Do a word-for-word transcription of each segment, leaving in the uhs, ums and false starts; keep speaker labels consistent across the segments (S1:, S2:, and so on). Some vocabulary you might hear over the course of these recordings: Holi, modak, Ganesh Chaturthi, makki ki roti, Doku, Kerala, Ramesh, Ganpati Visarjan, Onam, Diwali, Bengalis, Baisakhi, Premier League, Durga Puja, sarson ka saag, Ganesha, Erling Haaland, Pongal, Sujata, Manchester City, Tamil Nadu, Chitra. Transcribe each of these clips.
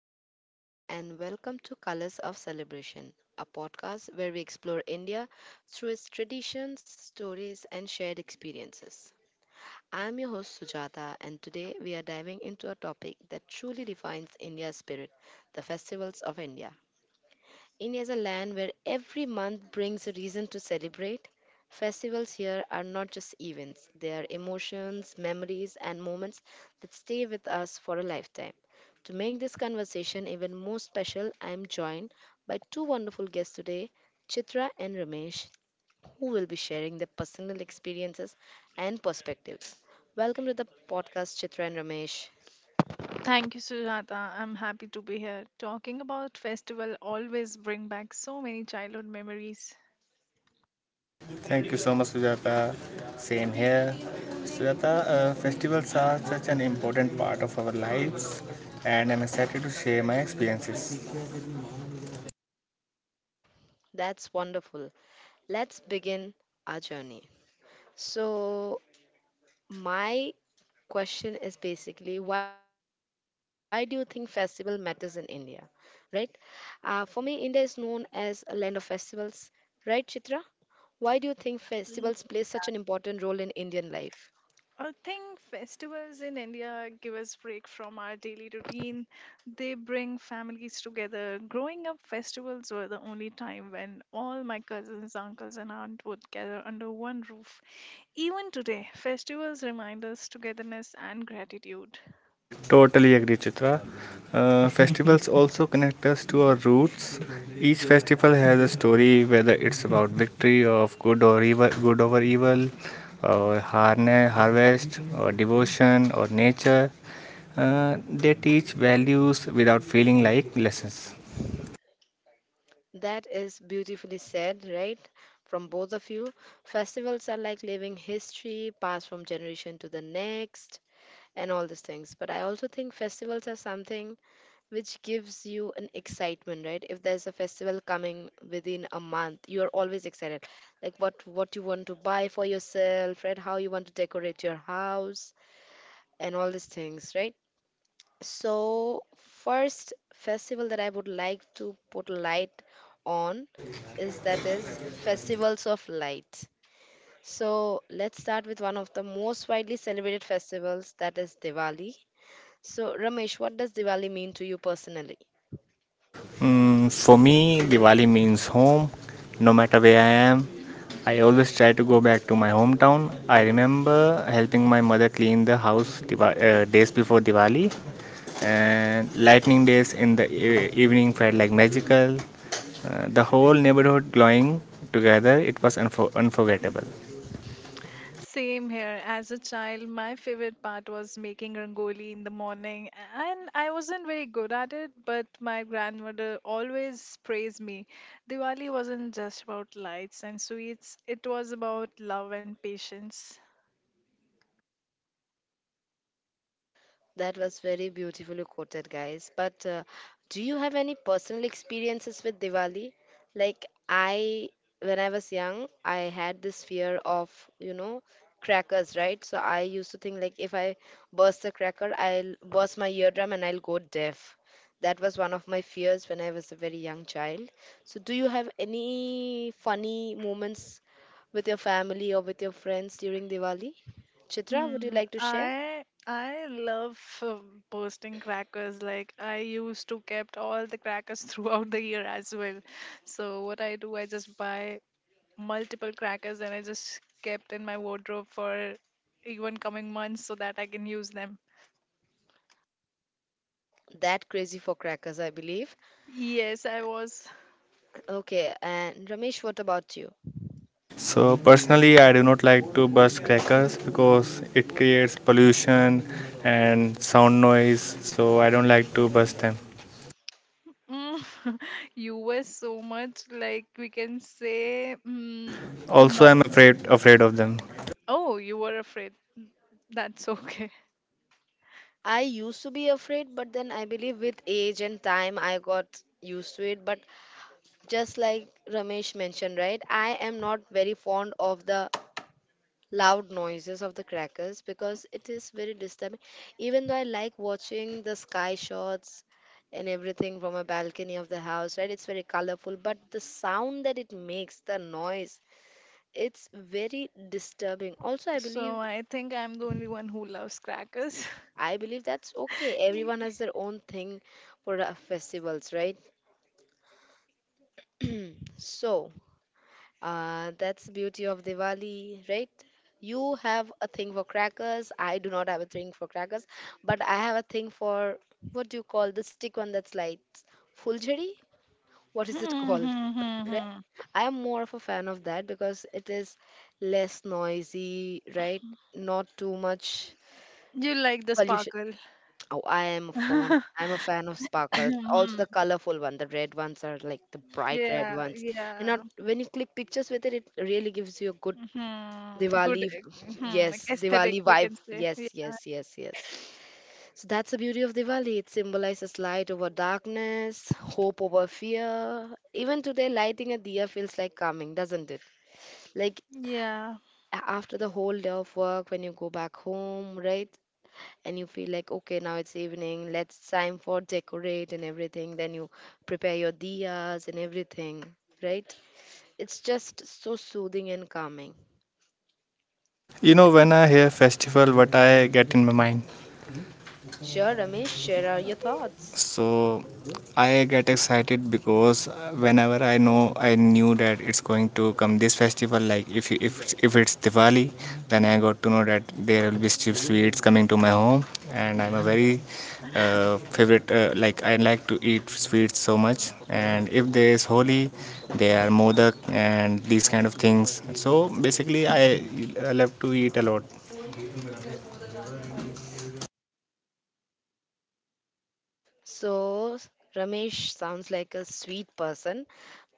S1: Hello, everyone, and welcome to Colors of Celebration, a podcast where we explore India through its traditions, stories, and shared experiences. I'm your host, Sujata, and today we are diving into a topic that truly defines India's spirit, the festivals of India. India is a land where every month brings a reason to celebrate. Festivals here are not just events, they are emotions, memories, and moments that stay with us for a lifetime. To make this conversation even more special, I am joined by two wonderful guests today, Chitra and Ramesh, who will be sharing their personal experiences and perspectives. Welcome to the podcast, Chitra and Ramesh.
S2: Thank you, Sujata. I'm happy to be here. Talking about festival always bring back so many childhood memories.
S3: Thank you so much, Sujata. Same here. Sujata, uh, festivals are such an important part of our lives, and I'm excited to share my experiences.
S1: That's wonderful. Let's begin our journey. So, my question is basically, why do you think festival matters in India, right? Uh, for me, India is known as a land of festivals, right, Chitra? Why do you think festivals
S2: Mm,
S1: play such an important role in Indian life?
S2: I think festivals in India give us break from our daily routine. They bring families together. Growing up, festivals were the only time when all my cousins, uncles, and aunt would gather under one roof. Even today, festivals remind us togetherness and gratitude.
S3: Totally agree, Chitra. Uh, festivals also connect us to our roots. Each festival has a story, whether it's about victory of good or evil, good over evil, or harne- harvest, or devotion, or nature. Uh, they teach values without feeling like lessons.
S1: That is beautifully said, right, from both of you. Festivals are like living history passed from generation to the next, and all these things, but I also think festivals are something which gives you an excitement, right? If there's a festival coming within a month, you're always excited, like what what you want to buy for yourself, right? How you want to decorate your house and all these things, right? So, first festival that I would like to put light on is that is festivals of light. So let's start with one of the most widely celebrated festivals, that is Diwali. So Ramesh, what does Diwali mean to you personally?
S3: Mm, for me, Diwali means home. No matter where I am, I always try to go back to my hometown. I remember helping my mother clean the house diva- uh, days before Diwali, and lightning days in the e- evening felt like magical. Uh, the whole neighborhood glowing together, it was unfor- unforgettable.
S2: Same here. As a child, my favorite part was making rangoli in the morning, and I wasn't very good at it, but my grandmother always praised me. Diwali wasn't just about lights and sweets, it was about love and patience.
S1: That was very beautifully quoted, guys. But uh, do you have any personal experiences with Diwali? Like, I, when I was young, I had this fear of, you know, crackers, right? So I used to think, like, if I burst a cracker, I'll burst my eardrum and I'll go deaf. That was one of my fears when I was a very young child. So, do you have any funny moments with your family or with your friends during Diwali? Chitra, would you
S2: Mm,
S1: like to share?
S2: I I love uh, bursting crackers. Like I used to kept all the crackers throughout the year as well. So what I do, I just buy multiple crackers and I just kept in my wardrobe for even coming months so that I can use them.
S1: That crazy for crackers, I believe.
S2: Yes, I was.
S1: Okay, and Ramesh, what about you?
S3: So, personally, I do not like to burst crackers because it creates pollution and sound noise, so I don't like to burst them.
S2: Mm, you were so much like we can say, mm,
S3: Also,
S2: no.
S3: I'm afraid afraid of them.
S2: Oh, you were afraid. That's okay.
S1: I used to be afraid, but then I believe with age and time I got used to it. But just like Ramesh mentioned, right, I am not very fond of the loud noises of the crackers because it is very disturbing. Even though I like watching the sky shots and everything from a balcony of the house, right, it's very colorful, but the sound that it makes, the noise, it's very disturbing. Also, I believe.
S2: So I think I'm the only one who loves crackers.
S1: I believe that's okay. Everyone has their own thing for uh, festivals, right? So, uh, that's the beauty of Diwali, right? You have a thing for crackers. I do not have a thing for crackers, but I have a thing for, what do you call the stick one that's lights? Fulchari? What is it
S2: Hmm,
S1: called?
S2: hmm, hmm,
S1: Right?
S2: hmm.
S1: I am more of a fan of that because it is less noisy, right? Not too much
S2: You like the
S1: pollution.
S2: sparkle.
S1: Oh, I am a fan.
S2: Yeah,
S1: I'm a fan of sparkles. Also the colorful one. The red ones are like the bright red
S2: yeah.
S1: ones. And not, when you click pictures with it, it really gives you a good
S2: Mhm. Good,
S1: Diwali.
S2: mhm, like
S1: Yes,
S2: aesthetic,
S1: Diwali
S2: we
S1: vibe.
S2: can say.
S1: Yes, yes, yes, yes. So that's the beauty of Diwali. It symbolizes light over darkness, hope over fear. Even today, lighting a diya feels like calming, doesn't it? Like
S2: Yeah.
S1: a- after the whole day of work, when you go back home, right? And you feel like okay, now it's evening, let's time for decorate and everything, then you prepare your diyas and everything, right? It's just so soothing and calming.
S3: You know, when I hear festival, what I get in my mind,
S1: Sure Ramesh, share are your thoughts.
S3: so I get excited because whenever i know I knew that it's going to come this festival. Like if you- if if it's Diwali, then I got to know that there will be still sweets coming to my home, and I'm a very uh, favorite uh, like, I like to eat sweets so much. And if there is Holi, there are modak and these kind of things. So basically, i i love to eat a lot.
S1: So, Ramesh sounds like a sweet person.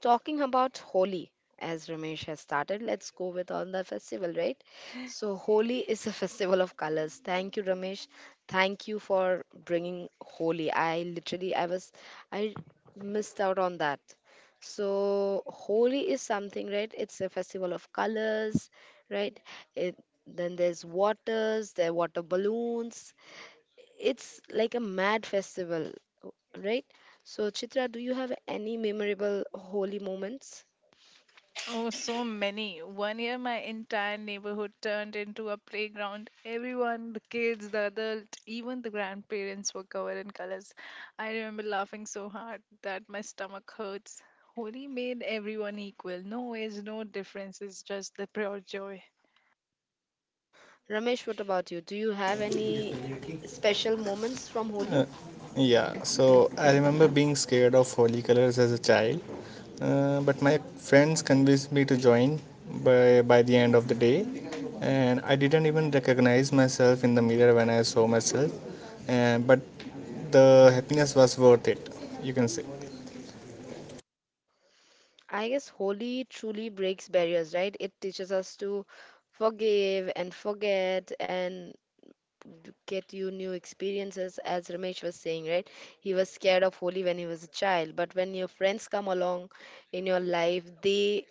S1: Talking about Holi, as Ramesh has started, let's go with on the festival, right? So, Holi is a festival of colors. Thank you, Ramesh. Thank you for bringing Holi. I literally, I was, I missed out on that. So, Holi is something, right? It's a festival of colors, right? It, then there's waters, there are water balloons, it's like a mad festival, right? So, Chitra, do you have any memorable holy moments?
S2: Oh, so many. One year, my entire neighborhood turned into a playground. Everyone, the kids, the adult, even the grandparents were covered in colors. I remember laughing so hard that my stomach hurts. Holi made everyone equal. No age, no differences, just the pure joy.
S1: Ramesh, what about you? Do you have any special moments from Holi?
S3: Yeah, so I remember being scared of holy colors as a child, uh, but my friends convinced me to join by, by the end of the day, and I didn't even recognize myself in the mirror when I saw myself, and but the happiness was worth it. You can say,
S1: I guess Holi truly breaks barriers, right? It teaches us to forgive and forget and d- get you new experiences, as Ramesh was saying, right? He was scared of Holi when he was a child, but when your friends come along in your life, they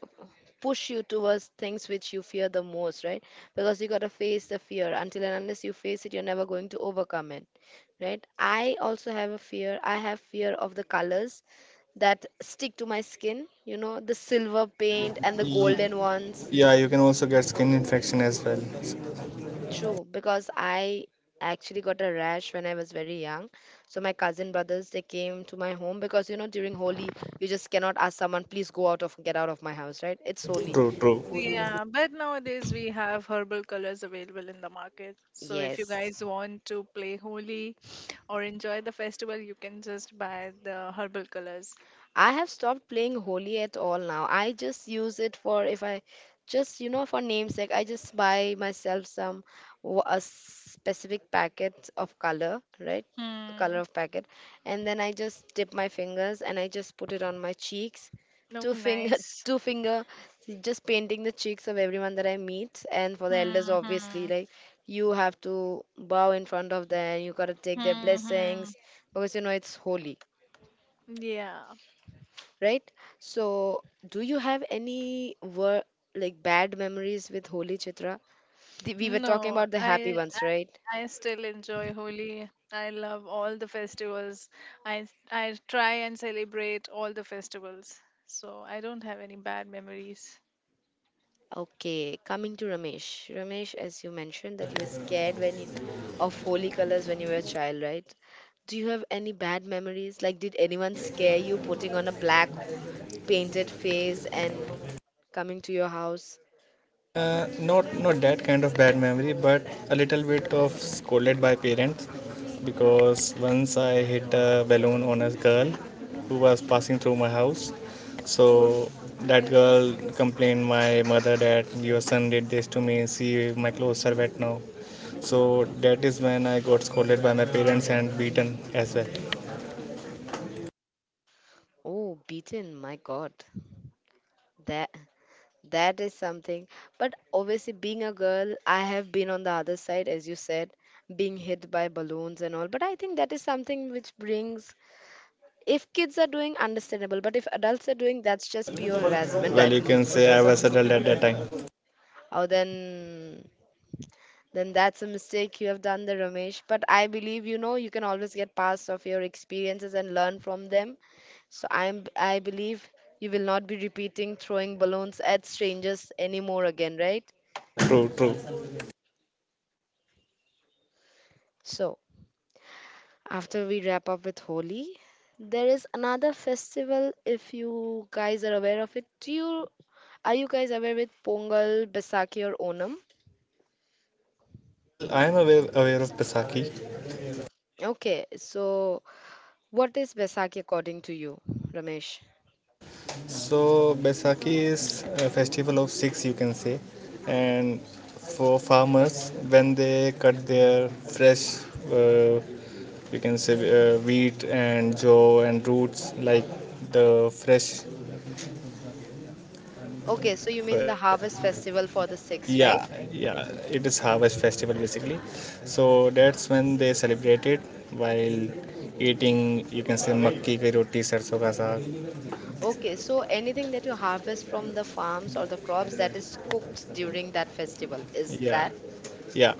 S1: push you towards things which you fear the most, right? Because you got to face the fear. Until and unless you face it, you're never going to overcome it, right? I also have a fear. I have fear of the colors that stick to my skin, you know, the silver paint and the
S3: Ye-
S1: golden ones.
S3: yeah, you can also get skin infection as well.
S1: True, because I actually got a rash when I was very young. So my cousin brothers, they came to my home because you know during Holi you just cannot ask someone please go out of get out of my house, right? It's holy.
S3: True, true.
S2: Yeah, but nowadays we have herbal colors available in the market. So if you
S1: Yes.
S2: guys want to play Holi or enjoy the festival, you can just buy the herbal colors.
S1: I have stopped playing holy at all now. I just use it for if I just you know for namesake. I just buy myself some wa- a specific packet of color, right? A color
S2: Hmm.
S1: of packet, and then I just dip my fingers and I just put it on my cheeks. Two
S2: Oh,
S1: finger,
S2: nice.
S1: two finger, just painting the cheeks of everyone that I meet, and for the elders,
S2: Hmm.
S1: obviously,
S2: Hmm.
S1: like you have to bow in front of them. You gotta take their
S2: Hmm, hmm.
S1: blessings because you know it's holy,
S2: Yeah.
S1: right? So, do you have any wor- like bad memories with Holi, Chitra? The, we were talking
S2: No,
S1: about the happy
S2: I
S1: ones, right?
S2: I I still enjoy Holi. I love all the festivals. I I try and celebrate all the festivals. So I don't have any bad memories.
S1: Okay, coming to Ramesh. Ramesh, as you mentioned that you were scared when you of holy colors when you were a child, right? Do you have any bad memories? Like, did anyone scare you putting on a black painted face and coming to your house?
S3: Uh, not not that kind of bad memory, but a little bit of scolded by parents because once I hit a balloon on a girl who was passing through my house. So that girl complained my mother that your son did this to me. See, my clothes are wet now. So that is when I got scolded by my parents and beaten as well.
S1: Oh, beaten! My God, that. That is something. But obviously, being a girl, I have been on the other side, as you said, being hit by balloons and all. But I think that is something which brings, if kids are doing, understandable. But if adults are doing, that's just pure harassment, I
S3: Well, you can
S1: believe.
S3: say I was adult at that time.
S1: Oh, then. Then that's a mistake you have done there, Ramesh. But I believe you know you can always get past of your experiences and learn from them. So I'm I believe you will not be repeating throwing balloons at strangers anymore again, right?
S3: True, true.
S1: So after we wrap up with Holi, there is another festival if you guys are aware of it. Do you are you guys aware with Pongal, Baisakhi or Onam?
S3: Well, I am aware, aware of Pisaki.
S1: Okay, so what is Baisakhi according to you, Ramesh?
S3: So Baisakhi is a festival of six, you can say, and for farmers when they cut their fresh, uh, you can say uh, wheat and jaw and roots like the fresh.
S1: Okay, so you mean the
S3: uh,
S1: harvest festival for the six, right?
S3: Yeah, yeah, it is harvest festival basically. So that's when they celebrate it while eating. You can say makki ki roti, sarson ka saag.
S1: Okay, so anything that you harvest from the farms or the crops that is cooked during that festival, is
S3: Yeah,
S1: that?
S3: yeah.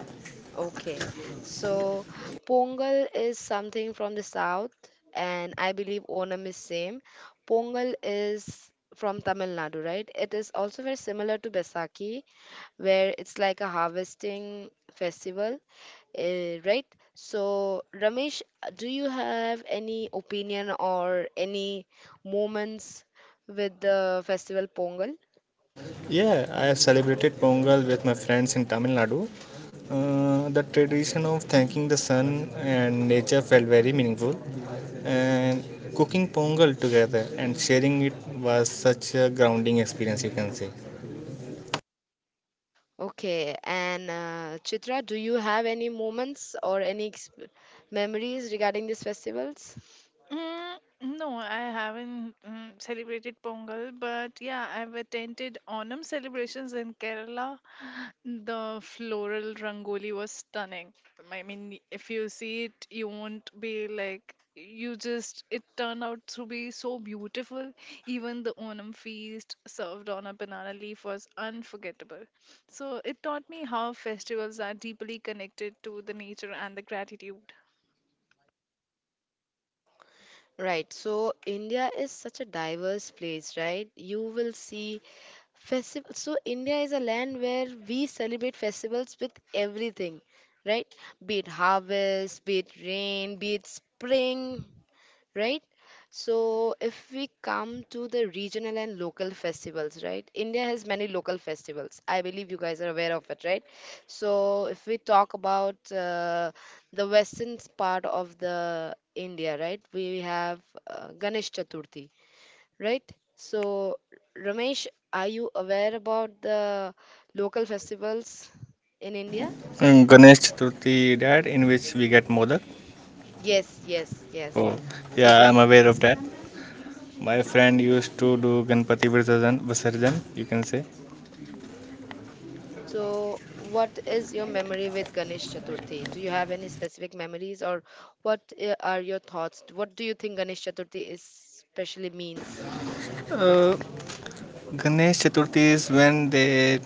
S1: Okay, so Pongal is something from the south, and I believe Onam is same. Pongal is from Tamil Nadu, right? It is also very similar to Baisakhi, where it's like a harvesting festival, eh, right? So, Ramesh, do you have any opinion or any moments with the festival Pongal?
S3: Yeah, I have celebrated Pongal with my friends in Tamil Nadu. Uh, the tradition of thanking the sun and nature felt very meaningful, and cooking Pongal together and sharing it was such a grounding experience, you can say.
S1: Okay, and uh, Chitra, do you have any moments or any exp- memories regarding these festivals?
S2: Mm, no, I haven't mm, celebrated Pongal, but yeah, I've attended Onam celebrations in Kerala. The floral rangoli was stunning. I mean, if you see it, you won't be like, you just, it turned out to be so beautiful. Even the Onam feast served on a banana leaf was unforgettable. So it taught me how festivals are deeply connected to the nature and the gratitude.
S1: Right, so India is such a diverse place, right? You will see festivals. So India is a land where we celebrate festivals with everything, right? Be it harvest, be it rain, be it spring, right? So, if we come to the regional and local festivals, right? India has many local festivals. I believe you guys are aware of it, right? So, if we talk about uh, the western part of the India, right? We have uh, Ganesh Chaturthi, right? So, Ramesh, are you aware about the local festivals in India?
S3: Um, Ganesh Chaturthi, that in which we get modak.
S1: Yes, yes, yes.
S3: Oh,
S1: So,
S3: yeah, I'm aware of that. My friend used to do Ganpati Visarjan, Visarjan, you can say.
S1: so, what is your memory with Ganesh Chaturthi? Do you have any specific memories, or what uh, are your thoughts? What do you think Ganesh Chaturthi is specially means?
S3: Uh, Ganesh Chaturthi is when they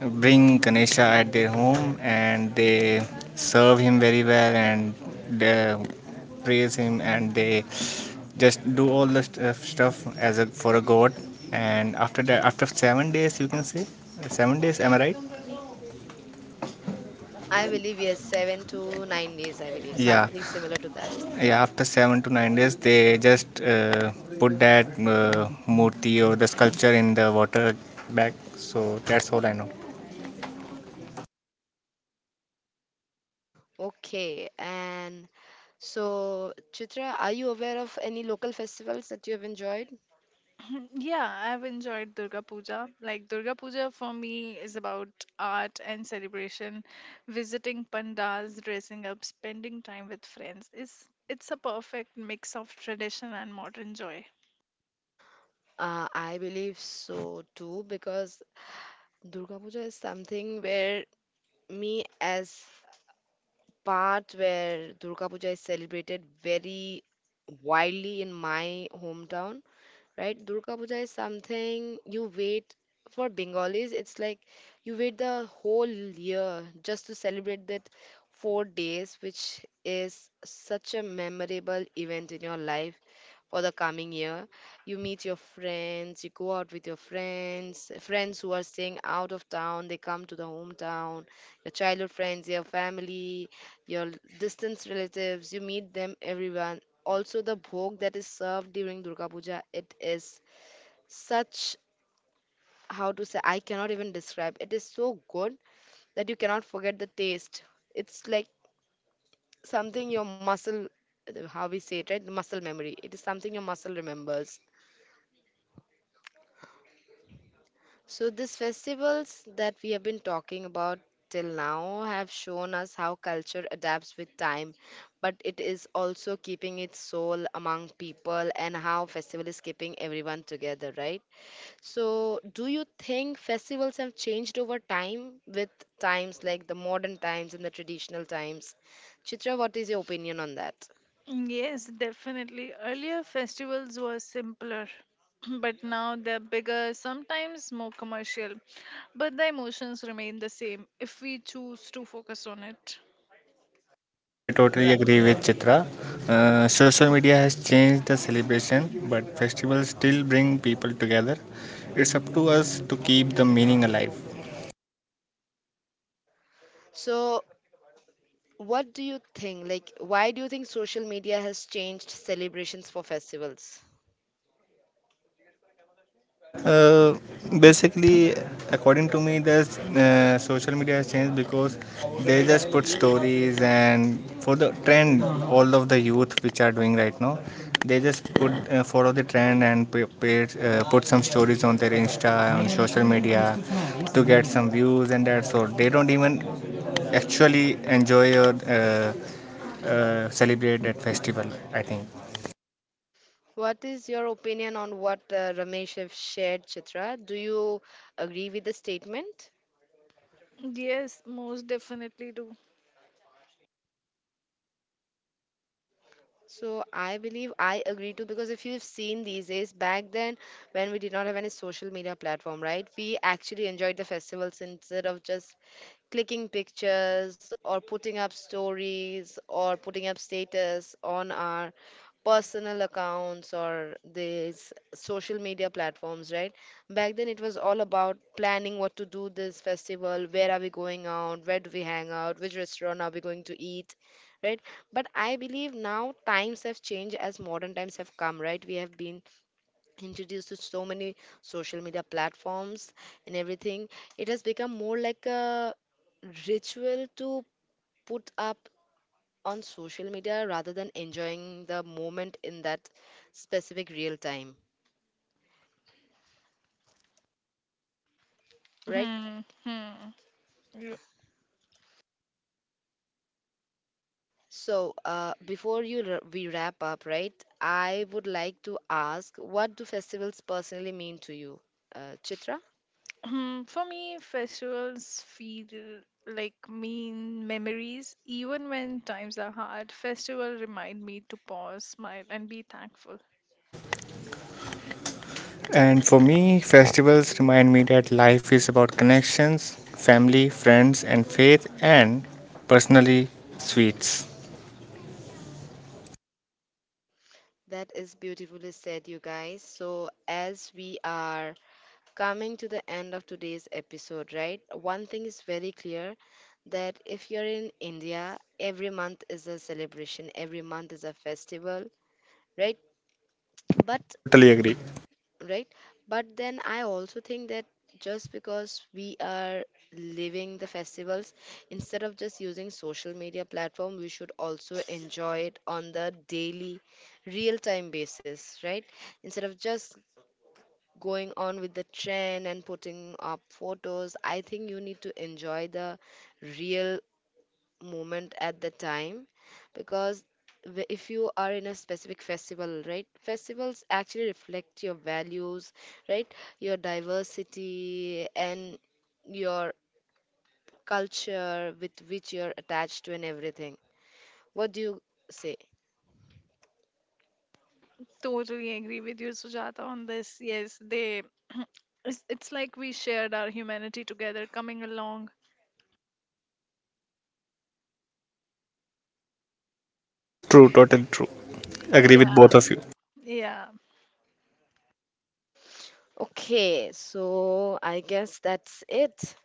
S3: bring Ganesha at their home, and they serve him very well, and they praise him, and they just do all the st- uh, stuff as a for a god. And after that, after seven days, you can say. Seven days, am I right?
S1: I believe yes, seven to nine days, I believe,
S3: Yeah,
S1: something similar to that.
S3: yeah, after seven to nine days, they just uh, put that uh, murti or the sculpture in the water bag. So that's all I know.
S1: Okay, and so Chitra, are you aware of any local festivals that you have enjoyed?
S2: Mm, yeah, I've enjoyed Durga Puja. Like, Durga Puja for me is about art and celebration. Visiting pandals, dressing up, spending time with friends is it's a perfect mix of tradition and modern joy.
S1: Uh, I believe so too, because Durga Puja is something where me as part where Durga Puja is celebrated very widely in my hometown, right? Durga Puja is something you wait for Bengalis. It's like you wait the whole year just to celebrate that four days, which is such a memorable event in your life for the coming year. You meet your friends, you go out with your friends, friends who are staying out of town, they come to the hometown, your childhood friends, your family, your distant relatives, you meet them, everyone. Also, the bhog that is served during Durga Puja, it is such, how to say, I cannot even describe. It is so good that you cannot forget the taste. It's like something your muscle, how we say it, right? Muscle memory. It is something your muscle remembers. So, these festivals that we have been talking about till now have shown us how culture adapts with time, but it is also keeping its soul among people and how festival is keeping everyone together, right? So, do you think festivals have changed over time with times like the modern times and the traditional times? Chitra, what is your opinion on that?
S2: Mm, yes, definitely. Earlier festivals were simpler, but now they're bigger, sometimes more commercial. But the emotions remain the same if we choose to focus on it.
S3: I totally
S1: Right.
S3: agree with Chitra. Uh, social media has changed the celebration, but festivals still bring people together. It's up to us to keep the meaning alive.
S1: So, what do you think? Like, why do you think social media has changed celebrations for festivals?
S3: Uh, Basically, according to me, the uh, social media has changed because they just put stories and for the trend, all of the youth which are doing right now, they just put uh, follow the trend and pay, pay, uh, put some stories on their Insta on social media to get some views, and that's all. They don't even actually enjoy or uh, uh, celebrate that festival, I think.
S1: What is your opinion on what uh, Ramesh have shared, Chitra? Do you agree with the statement?
S2: Yes, most definitely do.
S1: So I believe I agree too, because if you've seen these days, back then when we did not have any social media platform, right? We actually enjoyed the festivals instead of just clicking pictures or putting up stories or putting up status on our personal accounts or these social media platforms, right? Back then it was all about planning what to do this festival, where are we going out, where do we hang out, which restaurant are we going to eat, right? But I believe now times have changed, as modern times have come, right? We have been introduced to so many social media platforms and everything. It has become more like a ritual to put up on social media rather than enjoying the moment in that specific real time, right?
S2: Hmm, hmm, yeah.
S1: So uh, before you r- we wrap up, right, I would like to ask, what do festivals personally mean to you, uh, Chitra?
S2: Hmm, for me, festivals feel like mean memories. Even when times are hard, festival remind me to pause, smile, and be thankful.
S3: And for me, festivals remind me that life is about connections, family, friends, and faith, and personally, sweets.
S1: That is beautifully said, you guys. So, as we are coming to the end of today's episode, right? One thing is very clear, that if you're in India, every month is a celebration, every month is a festival, right? But
S3: Totally agree.
S1: right, but then I also think that just because we are living the festivals instead of just using social media platform, we should also enjoy it on the daily real time basis, right? Instead of just going on with the trend and putting up photos, I think you need to enjoy the real moment at the time, because w- if you are in a specific festival, right, festivals actually reflect your values, right, your diversity and your culture with which you're attached to and everything. What do you say?
S2: Totally agree with you, Sujata, on this. Yes, they. It's, it's like we shared our humanity together, coming along.
S3: True, totally true. Agree
S2: Yeah,
S3: with both of you.
S2: yeah.
S1: Okay, so I guess that's it,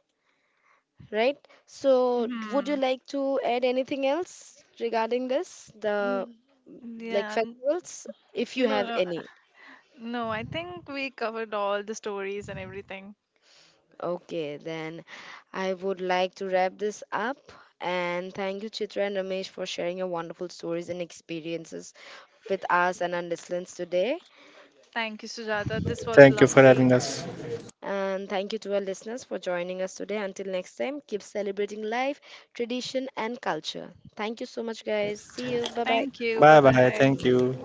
S1: right? So would you
S2: Hmm.
S1: like to add anything else regarding this, the,
S2: Mm,
S1: like,
S2: yeah. n-
S1: festivals, if you
S2: No,
S1: have
S2: no,
S1: any?
S2: no, I think we covered all the stories and everything.
S1: Okay, then I would like to wrap this up. And thank you, Chitra and Ramesh, for sharing your wonderful stories and experiences with us and our listeners today.
S2: Thank you, Sujata. This was
S3: Thank you for
S2: lovely.
S3: having us.
S1: And thank you to our listeners for joining us today. Until next time, keep celebrating life, tradition, and culture. Thank you so much, guys. See you. Bye bye.
S2: Thank you. Bye
S3: Bye bye.
S2: bye.
S3: Thank you.